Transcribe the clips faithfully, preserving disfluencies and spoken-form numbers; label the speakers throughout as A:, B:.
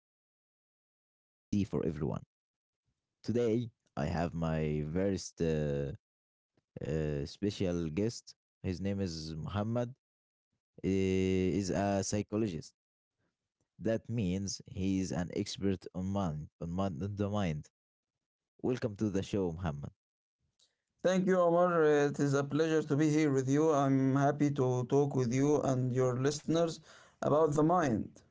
A: mind should be easy for everyone. Today, I have my very uh, uh, special guest. His name is Muhammad. He is a psychologist. That means he's an expert on mind, on mind, on the mind. Welcome to the show, Muhammad.
B: Thank you, Omar. Uh, It is a pleasure to be here with you. I'm happy to talk with you and your listeners about the mind.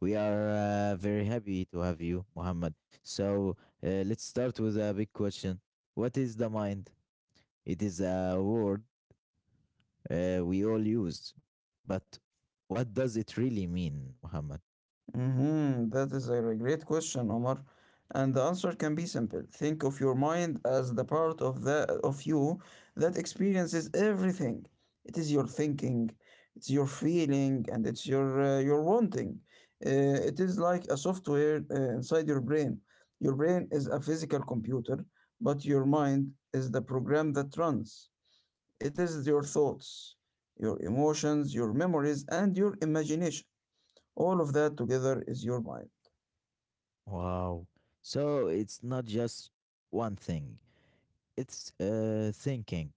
A: We are uh, very happy to have you, Muhammad. So uh, let's start with a big question. What is the mind? It is a word uh, we all use, but what does it really mean, Muhammad?
B: Mhm, That is a great question, Omar. And the answer can be simple. Think of your mind as the part of the of you that experiences everything. It is your thinking, it's your feeling, and it's your uh, your wanting. Uh, it is like a software uh, inside your brain. Your brain is a physical computer, but your mind is the program that runs. It is your thoughts, your emotions, your memories, and your imagination. All of that together is your mind.
A: Wow. So it's not just one thing. It's uh, thinking,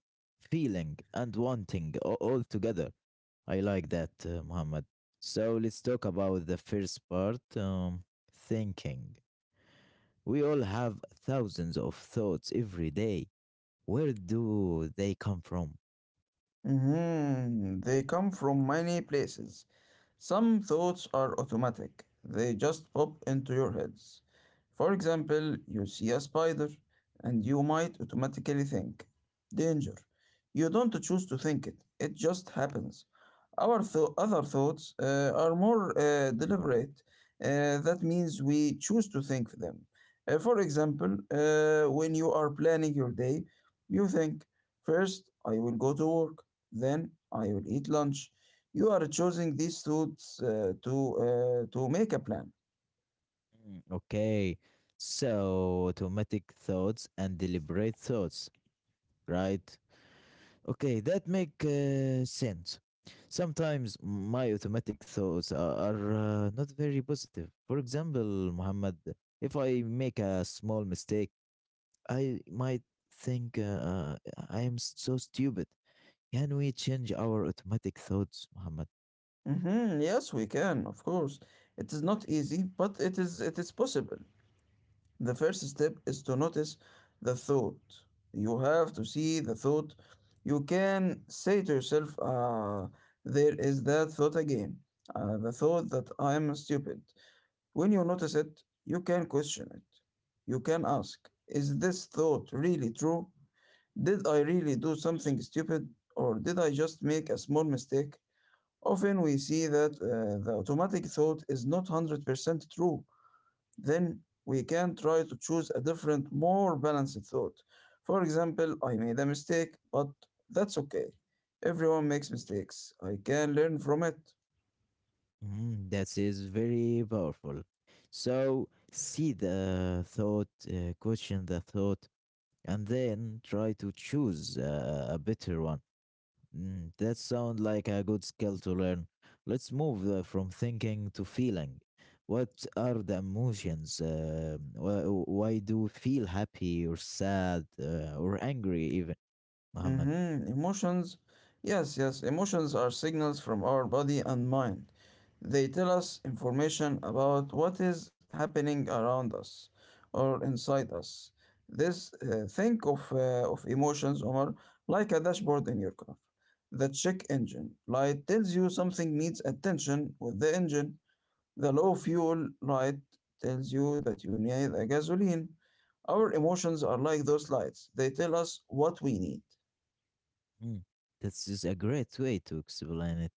A: feeling, and wanting a- all together. I like that, uh, Muhammad. So let's talk about the first part um, thinking. We all have thousands of thoughts every day. Where do they come from?
B: Mhm, They come from many places. Some thoughts are automatic, they just pop into your heads. For example, you see a spider and you might automatically think, danger. You don't choose to think it, it just happens. Our th- other thoughts uh, are more uh, deliberate. Uh, that means we choose to think them. Uh, for example, uh, when you are planning your day, you think, first, I will go to work. Then I will eat lunch. You are choosing these foods uh, to uh, to make a plan.
A: Mm, Okay. So automatic thoughts and deliberate thoughts, right? Okay, that make uh, sense. Sometimes my automatic thoughts are, are uh, not very positive. For example, Muhammad, if I make a small mistake, I might think uh, uh, I am so stupid. Can we change our automatic thoughts, Muhammad?
B: hmm Yes, we can, of course. It is not easy, but it is it is possible. The first step is to notice the thought. You have to see the thought. You can say to yourself, "Ah, there is that thought again. Uh, the thought that I am stupid." When you notice it, you can question it. You can ask, "Is this thought really true? Did I really do something stupid or did I just make a small mistake?" Often we see that uh, the automatic thought is not one hundred percent true. Then we can try to choose a different, more balanced thought. For example, I made a mistake, but that's okay. Everyone makes mistakes. I can learn from it.
A: Mm, that is very powerful. So see the thought, uh, question the thought, and then try to choose uh, a better one. Mm, that sounds like a good skill to learn. Let's move uh, from thinking to feeling. What are the emotions? Uh, why, why do you feel happy or sad uh, or angry even, Muhammad?
B: Mm-hmm. Emotions. Yes, yes. Emotions are signals from our body and mind. They tell us information about what is happening around us or inside us. This uh, think of uh, of emotions, Omar, like a dashboard in your car. The check engine light tells you something needs attention with the engine. The low fuel light tells you that you need a gasoline. Our emotions are like those lights. They tell us what we need.
A: Mm. This is a great way to explain it.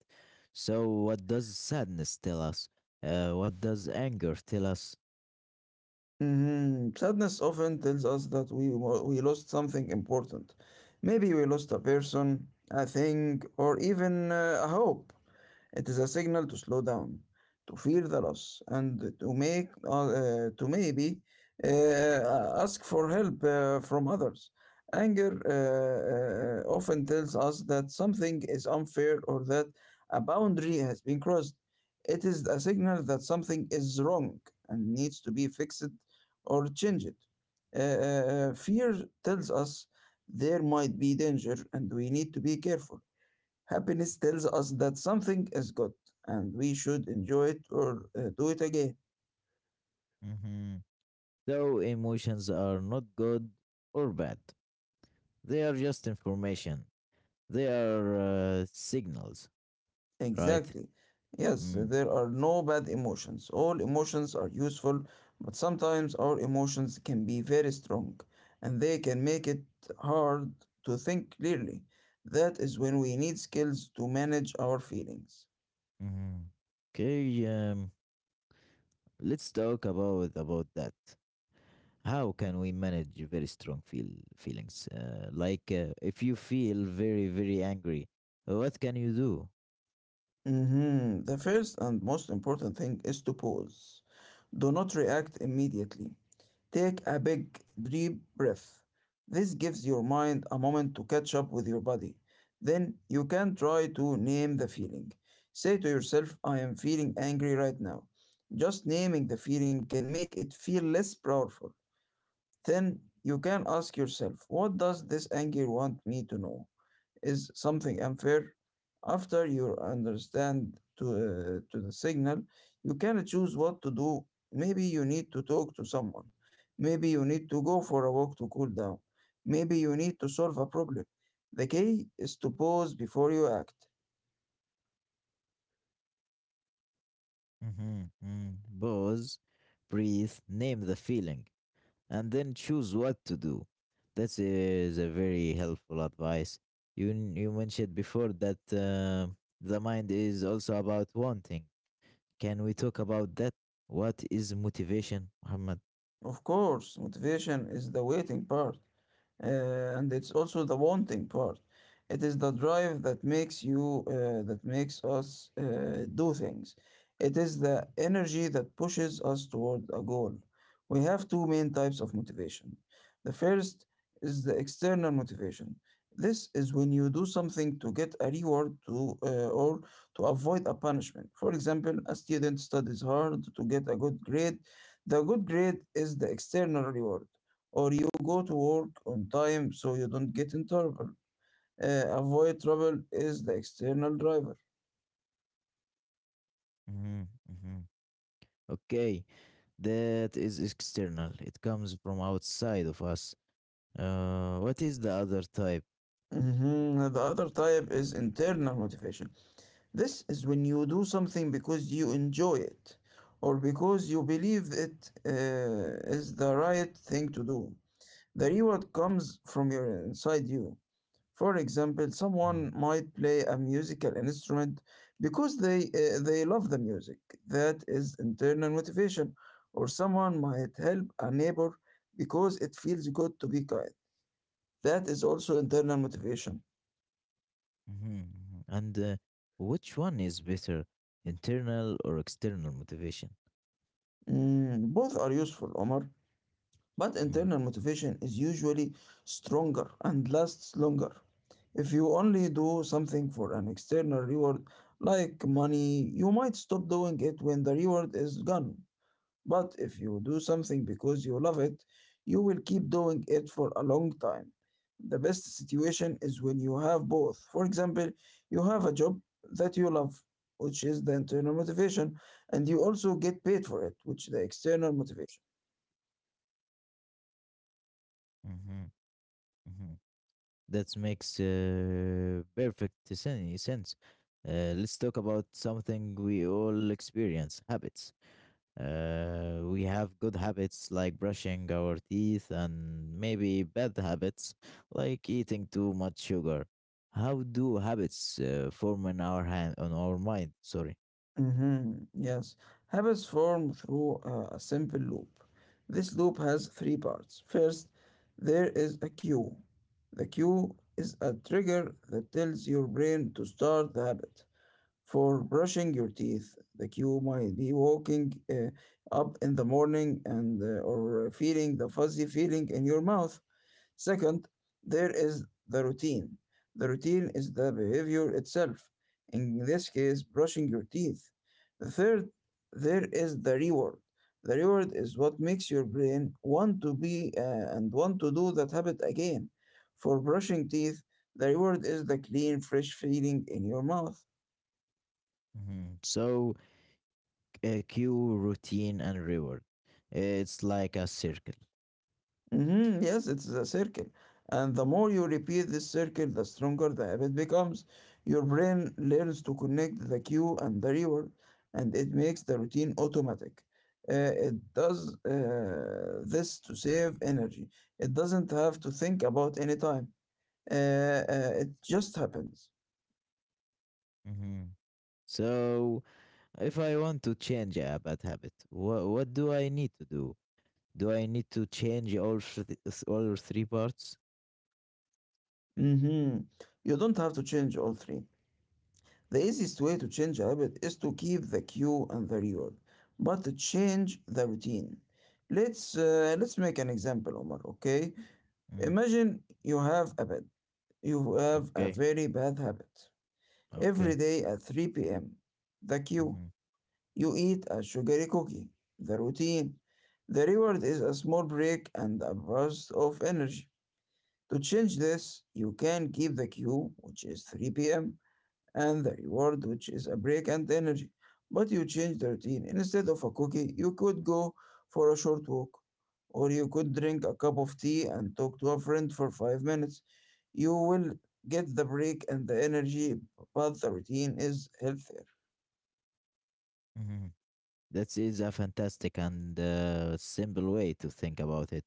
A: So, what does sadness tell us? Uh, what does anger tell us?
B: Mhm. Sadness often tells us that we, wa- we lost something important. Maybe we lost a person, a thing, or even uh, a hope. It is a signal to slow down, to feel the loss, and to make uh, uh, to maybe uh, ask for help uh, from others. Anger uh, uh, often tells us that something is unfair or that a boundary has been crossed. It is a signal that something is wrong and needs to be fixed or changed. Uh, uh, uh, fear tells us there might be danger and we need to be careful. Happiness tells us that something is good and we should enjoy it or uh, do it again.
A: Hmm. So, emotions are not good or bad, they are just information, they are uh, signals, right?
B: Exactly. Yes,
A: Mm.
B: there are no bad emotions. All emotions are useful, but sometimes our emotions can be very strong and they can make it hard to think clearly. That is when we need skills to manage our feelings.
A: Hmm. Okay, um, let's talk about about that. How can we manage very strong feel feelings? Uh, like uh, if you feel very very angry, what can you do?
B: Mhm. The first and most important thing is to pause. Do not react immediately. Take a big, deep breath. This gives your mind a moment to catch up with your body. Then you can try to name the feeling. Say to yourself, I am feeling angry right now. Just naming the feeling can make it feel less powerful. Then you can ask yourself, what does this anger want me to know? Is something unfair? After you understand to, uh, to the signal, you can choose what to do. Maybe you need to talk to someone. Maybe you need to go for a walk to cool down. Maybe you need to solve a problem. The key is to pause before you act.
A: Mhm, mm. Pause, breathe, name the feeling, and then choose what to do. That is a very helpful advice. You n- you mentioned before that uh, the mind is also about wanting. Can we talk about that? What is motivation, Muhammad?
B: Of course, motivation is the waiting part. Uh, and it's also the wanting part. It is the drive that makes you, uh, that makes us uh, do things. It is the energy that pushes us toward a goal. We have two main types of motivation. The first is the external motivation. This is when you do something to get a reward to uh, or to avoid a punishment. For example, a student studies hard to get a good grade. The good grade is the external reward, or you go to work on time so you don't get in trouble. Uh, avoid trouble is the external driver.
A: Mhm, mhm. Okay, that is external. It comes from outside of us. Uh, what is the other type?
B: Mhm, The other type is internal motivation. This is when you do something because you enjoy it or because you believe it uh, is the right thing to do. The reward comes from your inside you. For example, someone might play a musical instrument because they uh, they love the music. That is internal motivation. Or someone might help a neighbor because it feels good to be kind. That is also internal motivation.
A: Mhm, mhm. And uh, which one is better, internal or external motivation?
B: Mm, both are useful, Omar, but
A: Mm,
B: internal motivation is usually stronger and lasts longer. If you only do something for an external reward, like money, you might stop doing it when the reward is gone. But if you do something because you love it, you will keep doing it for a long time. The best situation is when you have both. For example, you have a job that you love, which is the internal motivation, and you also get paid for it, which is the external motivation.
A: mhm, mhm. That makes uh, perfect sen- sense. Uh, let's talk about something we all experience, habits. Uh, we have good habits like brushing our teeth, and maybe bad habits like eating too much sugar. How do habits uh, form in our hand on our mind? Sorry.
B: Mm-hmm. Yes, habits form through uh, a simple loop. This loop has three parts. First, there is a cue. The cue is a trigger that tells your brain to start the habit. For brushing your teeth, the cue might be walking uh, up in the morning and uh, or uh, feeling the fuzzy feeling in your mouth. Second, there is the routine. The routine is the behavior itself. In this case, brushing your teeth. The third, there is the reward. The reward is what makes your brain want to be uh, and want to do that habit again. For brushing teeth, the reward is the clean, fresh feeling in your mouth.
A: Mhm. So, uh, cue, routine, and reward. It's like a circle.
B: Mhm, Yes, it's a circle. And the more you repeat this circle, the stronger the habit becomes. Your brain learns to connect the cue and the reward, and it makes the routine automatic. Uh, it does uh, this to save energy. It doesn't have to think about any time. Uh, uh, it just happens.
A: Hmm. So, if I want to change a bad habit, what what do I need to do? Do I need to change all th- all three parts?
B: hmm You don't have to change all three. The easiest way to change a habit is to keep the cue and the reward, but to change the routine. Let's uh, let's make an example, Omar. Okay,
A: Mm.
B: imagine you have a bad, you have a
A: Okay.
B: very bad habit. Every
A: Okay.
B: day at three p m, the cue, you eat a sugary cookie. The routine, the reward is a small break and a burst of energy. To change this, you can keep the cue, which is three p.m, and the reward, which is a break and energy. But you change the routine. Instead of a cookie, you could go for a short walk, or you could drink a cup of tea and talk to a friend for five minutes. You will get the break and the energy, but the routine is healthier.
A: Hmm. That is a fantastic and uh, simple way to think about it.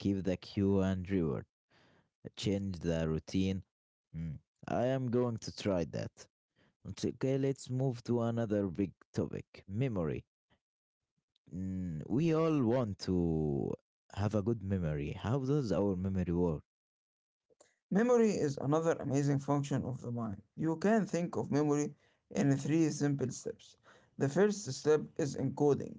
A: Keep the cue and reward. Change the routine. Mm, I am going to try that. Nt- Okay, let's move to another big topic, memory. Mm, we all want to have a good memory. How does our memory work?
B: Memory is another amazing function of the mind. You can think of memory in three simple steps. The first step is encoding.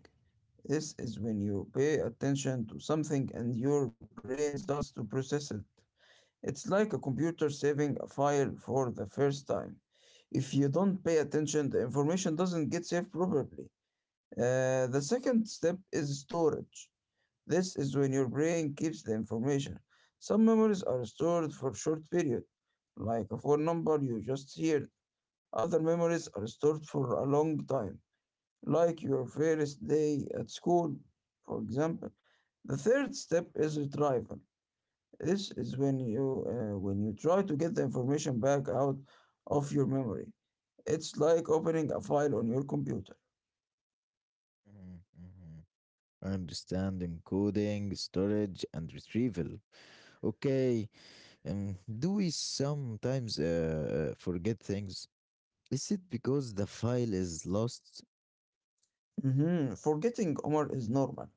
B: This is when you pay attention to something and your brain starts to process it. It's like a computer saving a file for the first time. If you don't pay attention, the information doesn't get saved properly. Uh, the second step is storage. This is when your brain keeps the information. Some memories are stored for short period, like a phone number you just heard. Other memories are stored for a long time, like your first day at school, for example. The third step is retrieval. This is when you uh, when you try to get the information back out of your memory. It's like opening a file on your computer.
A: Mhm, mhm. Understanding coding, storage, and retrieval. Okay, um, do we sometimes uh, forget things? Is it because the file is lost?
B: Mhm, forgetting, Omar, is normal.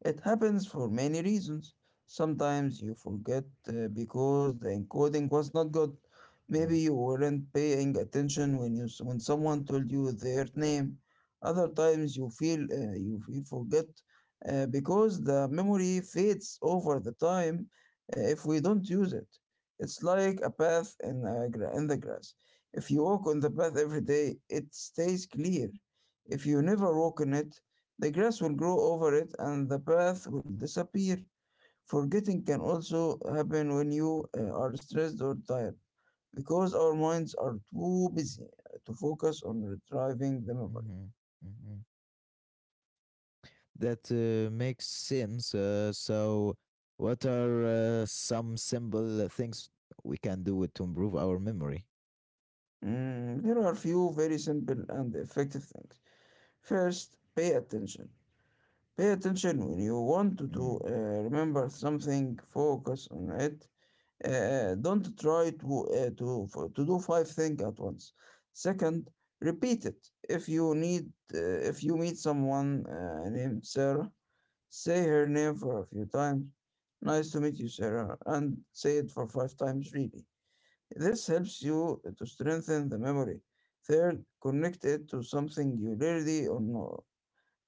B: It happens for many reasons. Sometimes you forget uh, because the encoding was not good. Maybe
A: Mm,
B: you weren't paying attention when you s- when someone told you their name. Other times you feel uh, you feel forget uh, because the memory fades over the time uh, if we don't use it. It's like a path in, a gra- in the grass. If you walk on the path every day, it stays clear. If you never walk on it, the grass will grow over it and the path will disappear. Forgetting can also happen when you uh, are stressed or tired because our minds are too busy to focus on retrieving the memory.
A: mhm, mhm. That uh, makes sense. Uh, so, what are uh, some simple things we can do to improve our memory?
B: Mm, there are few very simple and effective things. First, pay attention. Pay attention when you want to
A: Mm,
B: do, uh, remember something, focus on it. Uh, uh, don't try to uh, to f- to do five things at once. Second, repeat it. If you need uh, if you meet someone uh, named Sarah, say her name for a few times. Nice to meet you, Sarah, and say it for five times really. This helps you to strengthen the memory. Third, connect it to something you already or know.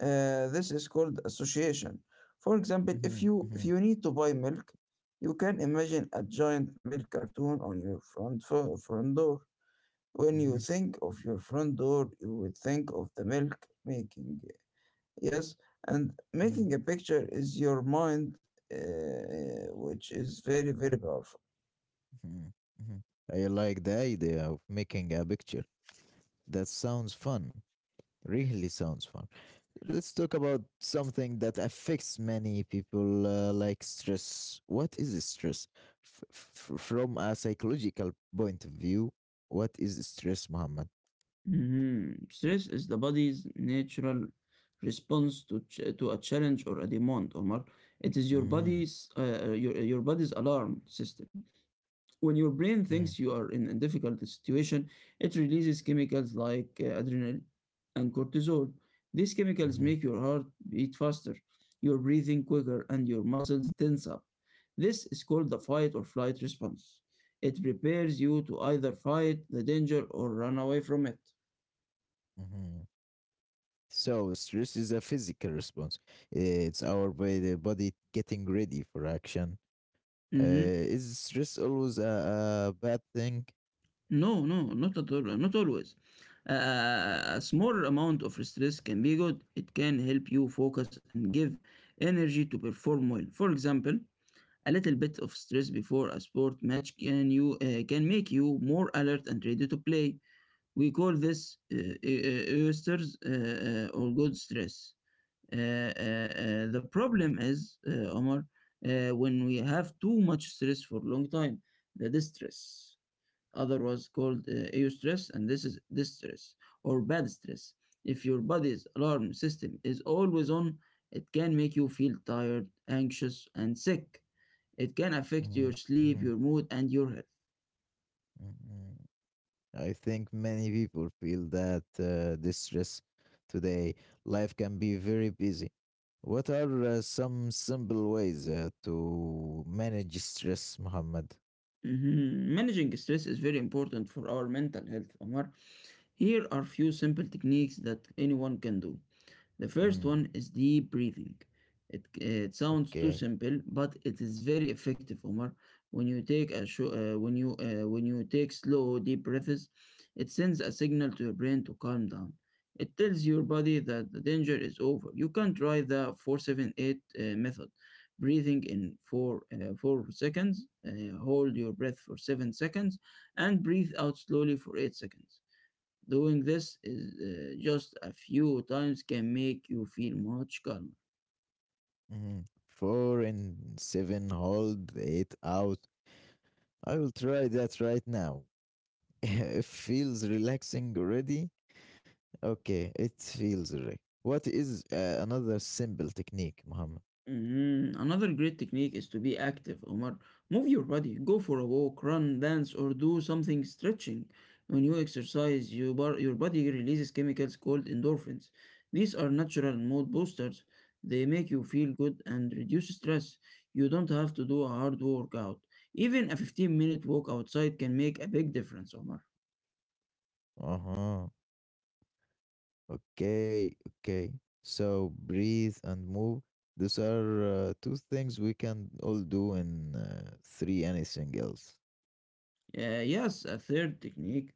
B: uh, This is called association. For example, if
A: mhm,
B: you if
A: mhm,
B: you need to buy milk, you can imagine a giant milk cartoon on your front fo- front door. When you
A: mhm,
B: think of your front door, you would think of the milk making. Yes, and
A: mhm,
B: making a picture is your mind, uh, which is very very powerful.
A: mhm, mhm. I like the idea of making a picture. That sounds fun. Really sounds fun. Let's talk about something that affects many people, uh, like stress. What is stress? F- f- from a psychological point of view, what is stress, Muhammad?
B: Mhm. Stress is the body's natural response to ch to a challenge or a demand, Omar. It is your
A: Hmm.
B: body's uh, uh, your uh, your body's alarm system. When your brain thinks
A: Hmm.
B: you are in a difficult situation, it releases chemicals like uh, adrenaline and cortisol. These chemicals make your heart beat faster, your breathing quicker, and your muscles tense up. This is called the fight or flight response. It prepares you to either fight the danger or run away from it.
A: Hmm. So, stress is a physical response. It's our body, body getting ready for action. Uh,
B: Mhm.
A: is stress always a, a bad thing?
B: No, no, not at all, not always. Uh, a small amount of stress can be good. It can help you focus and give energy to perform well. For example, a little bit of stress before a sport match can you uh, can make you more alert and ready to play. We call this uh, uh, oysters uh, uh, or good stress. Uh, uh, uh, the problem is, uh, Omar, uh, when we have too much stress for a long time, the distress. Other was called uh, eustress, and this is distress or bad stress. If your body's alarm system is always on, it can make you feel tired, anxious, and sick. It can affect
A: Hmm.
B: your sleep, your mood, and your health.
A: Hmm. I think many people feel that uh, this stress today. Life can be very busy. What are uh, some simple ways uh, to manage stress, Muhammad?
B: Mhm. Managing stress is very important for our mental health, Omar. Here are few simple techniques that anyone can do. The first
A: Mm,
B: one is deep breathing. It, it sounds too
A: okay.
B: simple, but it is very effective, Omar. When you take a sho- uh, when you uh, when you take slow deep breaths, it sends a signal to your brain to calm down. It tells your body that the danger is over. You can try the four seven eight uh, method. Breathing in for uh, four seconds, uh, hold your breath for seven seconds, and breathe out slowly for eight seconds. Doing this is uh, just a few times can make you feel much calmer.
A: Mhm. Four and seven, hold it out. I will try that right now. It feels relaxing already. Okay, it feels re. What is uh, another simple technique, Muhammad?
B: Mhm. Another great technique is to be active, Omar. Move your body, go for a walk, run, dance, or do something stretching. When you exercise, you bar- your body releases chemicals called endorphins. These are natural mood boosters. They make you feel good and reduce stress. You don't have to do a hard workout. Even a fifteen minute walk outside can make a big difference, Omar.
A: Uh huh. Okay, okay. So breathe and move. Those are uh, two things we can all do in uh, three. Anything else?
B: Uh, yes, a third technique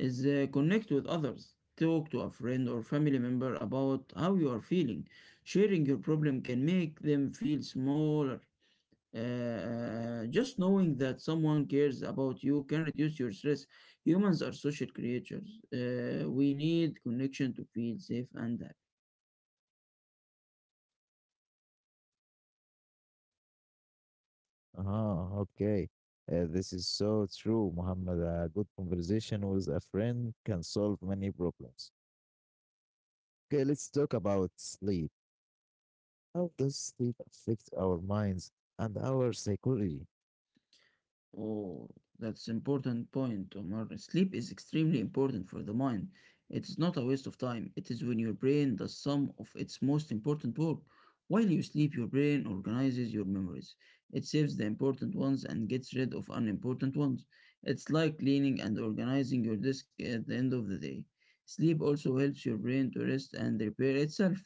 B: is uh, connect with others. Talk to a friend or family member about how you are feeling. Sharing your problem can make them feel smaller. Uh, uh, just knowing that someone cares about you can reduce your stress. Humans are social creatures. Uh, we need connection to feel safe and happy.
A: Uh-huh, okay. Uh, this is so true, Muhammad. A good conversation with a friend can solve many problems. Okay, let's talk about sleep. How does sleep affect our minds and our psychology?
B: Oh, that's important point, Omar. Sleep is extremely important for the mind. It is not a waste of time. It is when your brain does some of its most important work. While you sleep, your brain organizes your memories. It saves the important ones and gets rid of unimportant ones. It's like cleaning and organizing your desk at the end of the day. Sleep also helps your brain to rest and repair itself.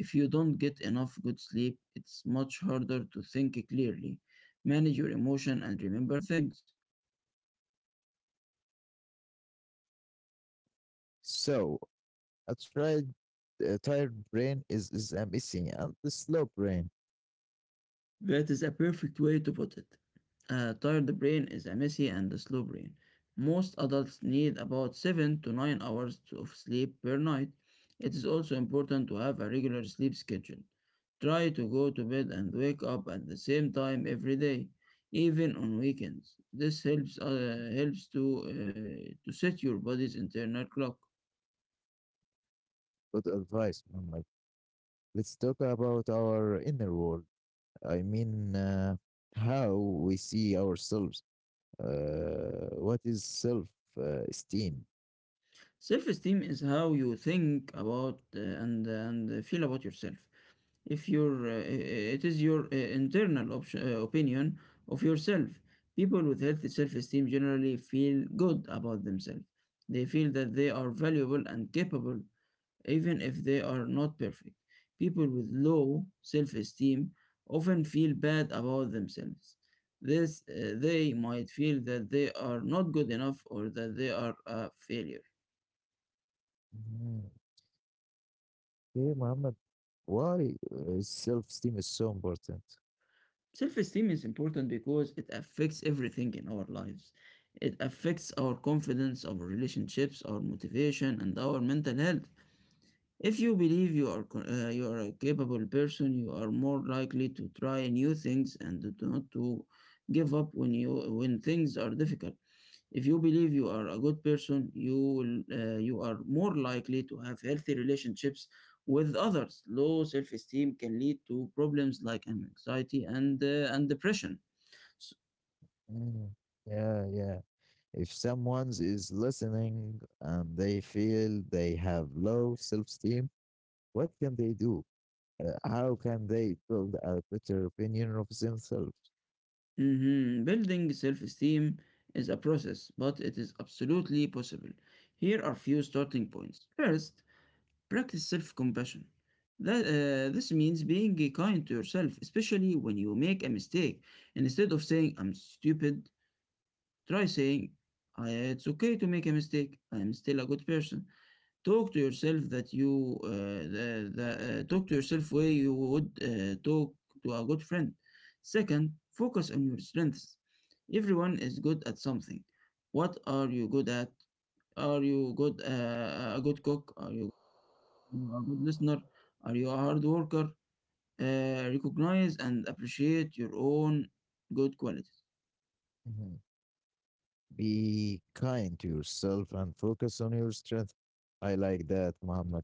B: If you don't get enough good sleep, it's much harder to think clearly. Manage your emotion and remember things.
A: So, a tired, a tired brain is, is amazing, and the slow brain.
B: That is a perfect way to put it. A tired brain is a messy and a slow brain. Most adults need about seven to nine hours of sleep per night. It is also important to have a regular sleep schedule. Try to go to bed and wake up at the same time every day, even on weekends. This helps uh, helps to uh, to set your body's internal clock.
A: Good advice, Muhammad. Let's talk about our inner world. I mean, uh, how we see ourselves. Uh, what is self uh, esteem?
B: Self-esteem is how you think about uh, and and uh, feel about yourself. If your uh, it is your uh, internal option, uh, opinion of yourself. People with healthy self-esteem generally feel good about themselves. They feel that they are valuable and capable, even if they are not perfect. People with low self-esteem often feel bad about themselves. This uh, They might feel that they are not good enough or that they are a failure.
A: Mm. Okay, Muhammad, why uh, self-esteem is so important?
B: Self esteem is important because it affects everything in our lives. It affects our confidence, our relationships, our motivation, and our mental health. If you believe you are co- uh, you are a capable person, you are more likely to try new things and to not to give up when you when things are difficult. If you believe you are a good person, you will, uh, you are more likely to have healthy relationships with others. Low self-esteem can lead to problems like an anxiety and uh, and depression. S-
A: Mm. Yeah, yeah. If someone's is listening and they feel they have low self-esteem, what can they do? Uh, how can they build a better opinion of themselves?
B: mhm. Building self-esteem is a process, but it is absolutely possible. Here are few starting points. First, practice self-compassion. That, uh, this means being kind to yourself, especially when you make a mistake. Instead of saying, I'm stupid, try saying, "I- uh, It's okay to make a mistake. I'm still a good person. Talk to yourself that you, uh, the, the, uh, talk to yourself way you would uh, talk to a good friend. Second, focus on your strengths. Everyone is good at something. What are you good at? Are you good uh, a good cook? Are you a good listener? Are you a hard worker? Uh, recognize and appreciate your own good qualities.
A: Mhm. Be kind to yourself and focus on your strength. I like that, Muhammad.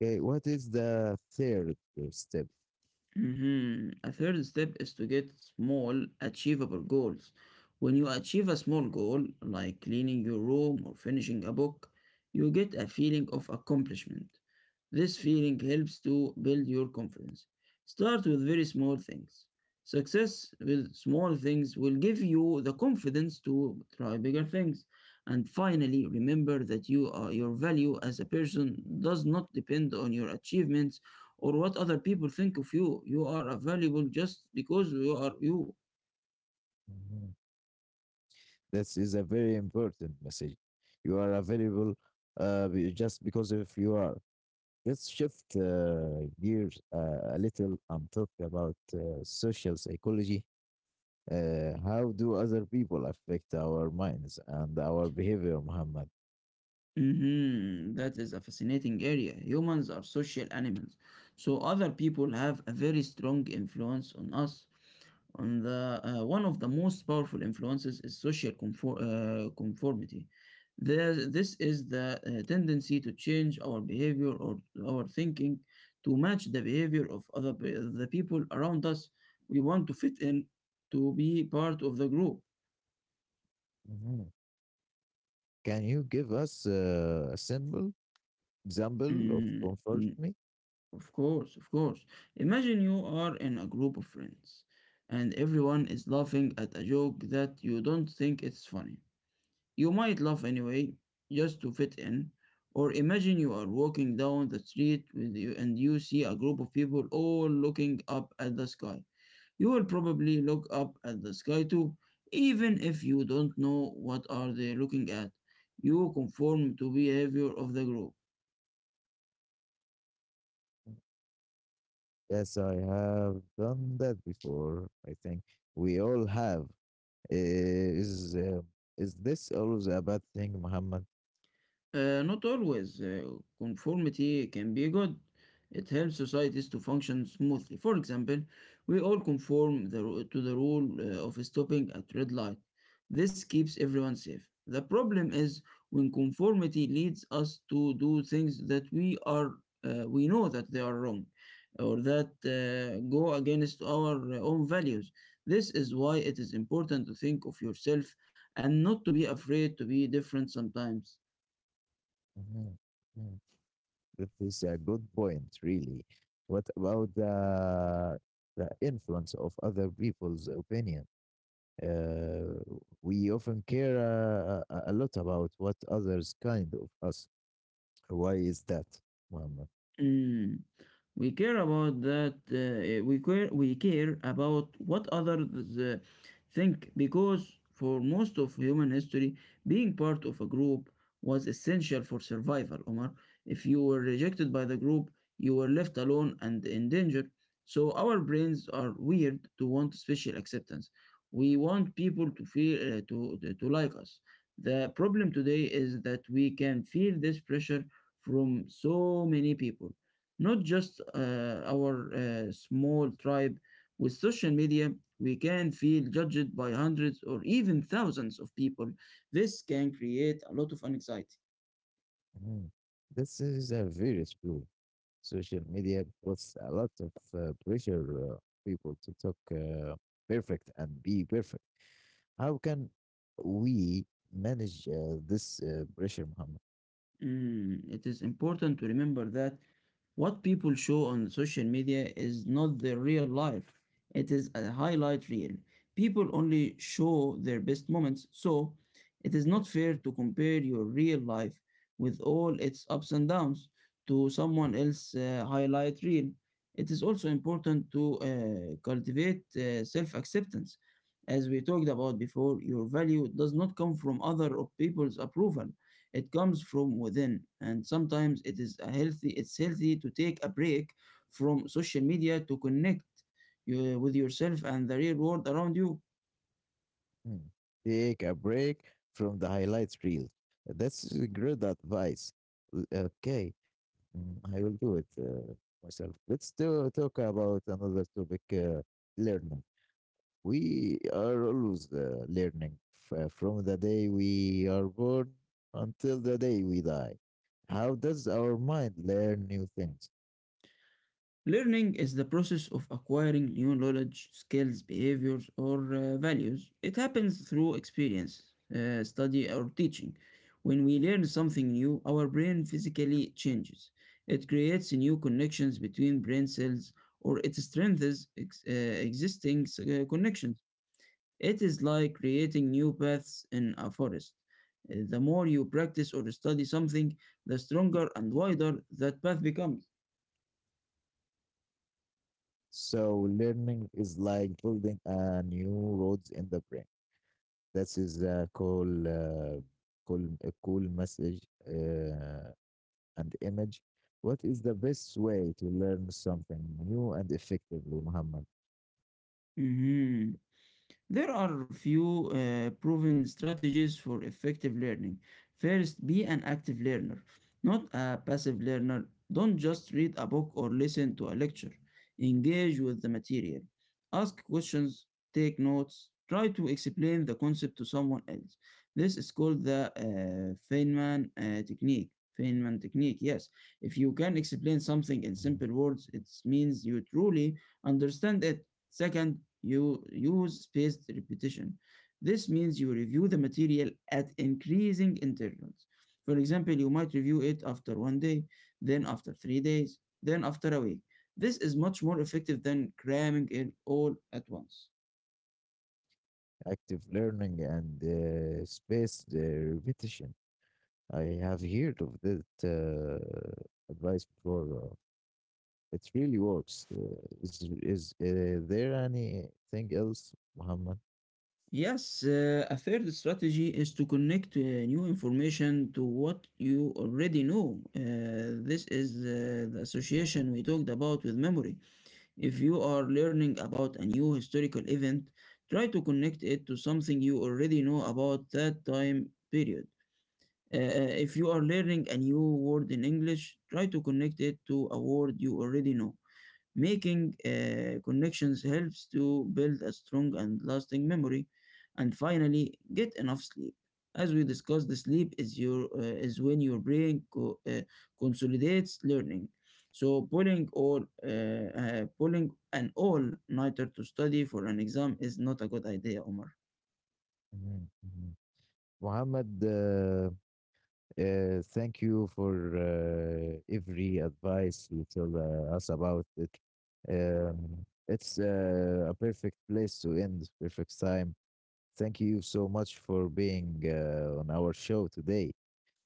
A: Okay, what is the third step?
B: Mhm. A third step is to get small, achievable goals. When you achieve a small goal, like cleaning your room or finishing a book, you get a feeling of accomplishment. This feeling helps to build your confidence. Start with very small things. Success with small things will give you the confidence to try bigger things. And finally, remember that you are, your value as a person does not depend on your achievements or what other people think of you. You are a valuable just because you are you.
A: Mhm. This is a very important message. You are available uh, be- just because if you are. Let's shift uh, gears uh, a little and talk about uh, social psychology. Uh, how do other people affect our minds and our behavior, Muhammad?
B: Mhm, that is a fascinating area. Humans are social animals, so other people have a very strong influence on us. On the uh, one of the most powerful influences is social conform, uh, conformity. There, this is the uh, tendency to change our behavior or our thinking to match the behavior of other pe- the people around us. We want to fit in, to be part of the group.
A: Mhm. Can you give us uh, a simple example of
B: Mm,
A: comfort
B: mm,
A: me?
B: of course, of course. Imagine you are in a group of friends, and everyone is laughing at a joke that you don't think it's funny. You might laugh anyway, just to fit in. Or imagine you are walking down the street with you and you see a group of people all looking up at the sky. You will probably look up at the sky too, even if you don't know what are they looking at. You conform to behavior of the group.
A: Yes, I have done that before. I think we all have. Is uh, is this always a bad thing, Muhammad?
B: Uh, not always. Uh, conformity can be good. It helps societies to function smoothly. For example, we all conform the, ru- to the rule uh, of stopping at red light. This keeps everyone safe. The problem is when conformity leads us to do things that we are uh, we know that they are wrong or that uh, go against our uh, own values. This is why it is important to think of yourself and not to be afraid to be different sometimes.
A: Mhm. That is a good point, really. What about the the influence of other people's opinion? Uh, we often care uh, a a lot about what others kind of us. Why is that, Muhammad?
B: Mm. We care about that. Uh, we care. We care about what others uh, think because for most of human history, being part of a group was essential for survival. Omar, if you were rejected by the group, you were left alone and in danger. So our brains are weird to want special acceptance. We want people to feel uh, to to like us. The problem today is that we can feel this pressure from so many people, not just uh, our uh, small tribe. With social media, we can feel judged by hundreds or even thousands of people. This can create a lot of anxiety.
A: Mm. This is a very true. Social media puts a lot of uh, pressure uh, people to talk uh, perfect and be perfect. How can we manage uh, this uh, pressure, Muhammad?
B: Mm, it is important to remember that what people show on social media is not their real life. It is a highlight reel. People only show their best moments, so it is
A: Yes.
B: not fair to compare your real life with all its ups and downs to someone else's uh, highlight reel. It is also important to uh, cultivate uh, self acceptance. As we talked about before, your value does not come from other people's approval. It comes from within, and sometimes it is a healthy. It's healthy to take a break from social media to connect you, with yourself and the real world around you.
A: Mm. Take a break from the highlights reel. That's a great advice. L- Okay, mm, I will do it uh, myself. Let's do, talk about another topic, uh, learning. We are always uh, learning f- uh, from the day we are born until the day we die. How does our mind learn new things?
B: Learning is the process of acquiring new knowledge, skills, behaviors, or uh, values. It happens through experience, uh, study, or teaching. When we learn something new, our brain physically changes. It creates new connections between brain cells or it strengthens ex- uh, existing uh, connections. It is like creating new paths in a forest. Uh, The more you practice or study something, the stronger and wider that path becomes.
A: So, learning is like building a new roads in the brain. That is the call, uh, call, a cool message uh, and image. What is the best way to learn something new and effectively, Muhammad?
B: Mhm. There are few uh, proven strategies for effective learning. First, be an active learner, not a passive learner. Don't just read a book or listen to a lecture. Engage with the material. Ask questions, take notes, try to explain the concept to someone else. This is called the uh, Feynman uh, technique. Feynman technique, yes. If you can explain something in
A: Mm.
B: simple words, it means you truly understand it. Second, you use spaced repetition. This means you review the material at increasing intervals. For example, you might review it after one day, then after three days, then after a week. This is much more effective than cramming it all at once.
A: Active learning and uh, spaced uh, repetition. I have heard of that uh, advice before. Uh, it really works. Uh, is is uh, there anything else, Muhammad?
B: Yes, uh, a third strategy is to connect uh, new information to what you already know. Uh, this is uh, the association we talked about with memory. If you are learning about a new historical event, try to connect it to something you already know about that time period. Uh, uh, if you are learning a new word in English, try to connect it to a word you already know. Making uh, connections helps to build a strong and lasting memory. And finally, get enough sleep. As we discussed, the sleep is your uh, is when your brain co- uh, consolidates learning. So pulling all uh, uh, pulling an all-nighter to study for an exam is not a good idea, Omar.
A: Mhm, mhm. Muhammad, uh, uh, thank you for uh, every advice you tell uh, us about it. Um, it's uh, a perfect place to end, perfect time. Thank you so much for being uh, on our show today.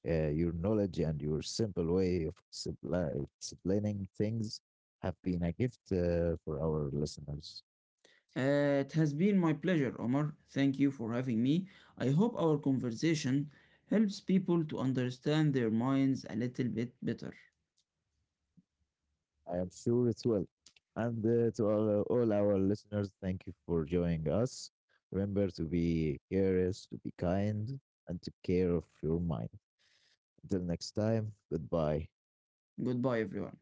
A: Uh, your knowledge and your simple way of supply, explaining things have been a gift uh, for our listeners.
B: Uh, it has been my pleasure, Omar. Thank you for having me. I hope our conversation helps people to understand their minds a little bit better.
A: I am sure it will. And uh, to all, all our listeners, thank you for joining us. Remember to be curious, to be kind, and to care of your mind. Until next time, goodbye.
B: Goodbye, everyone.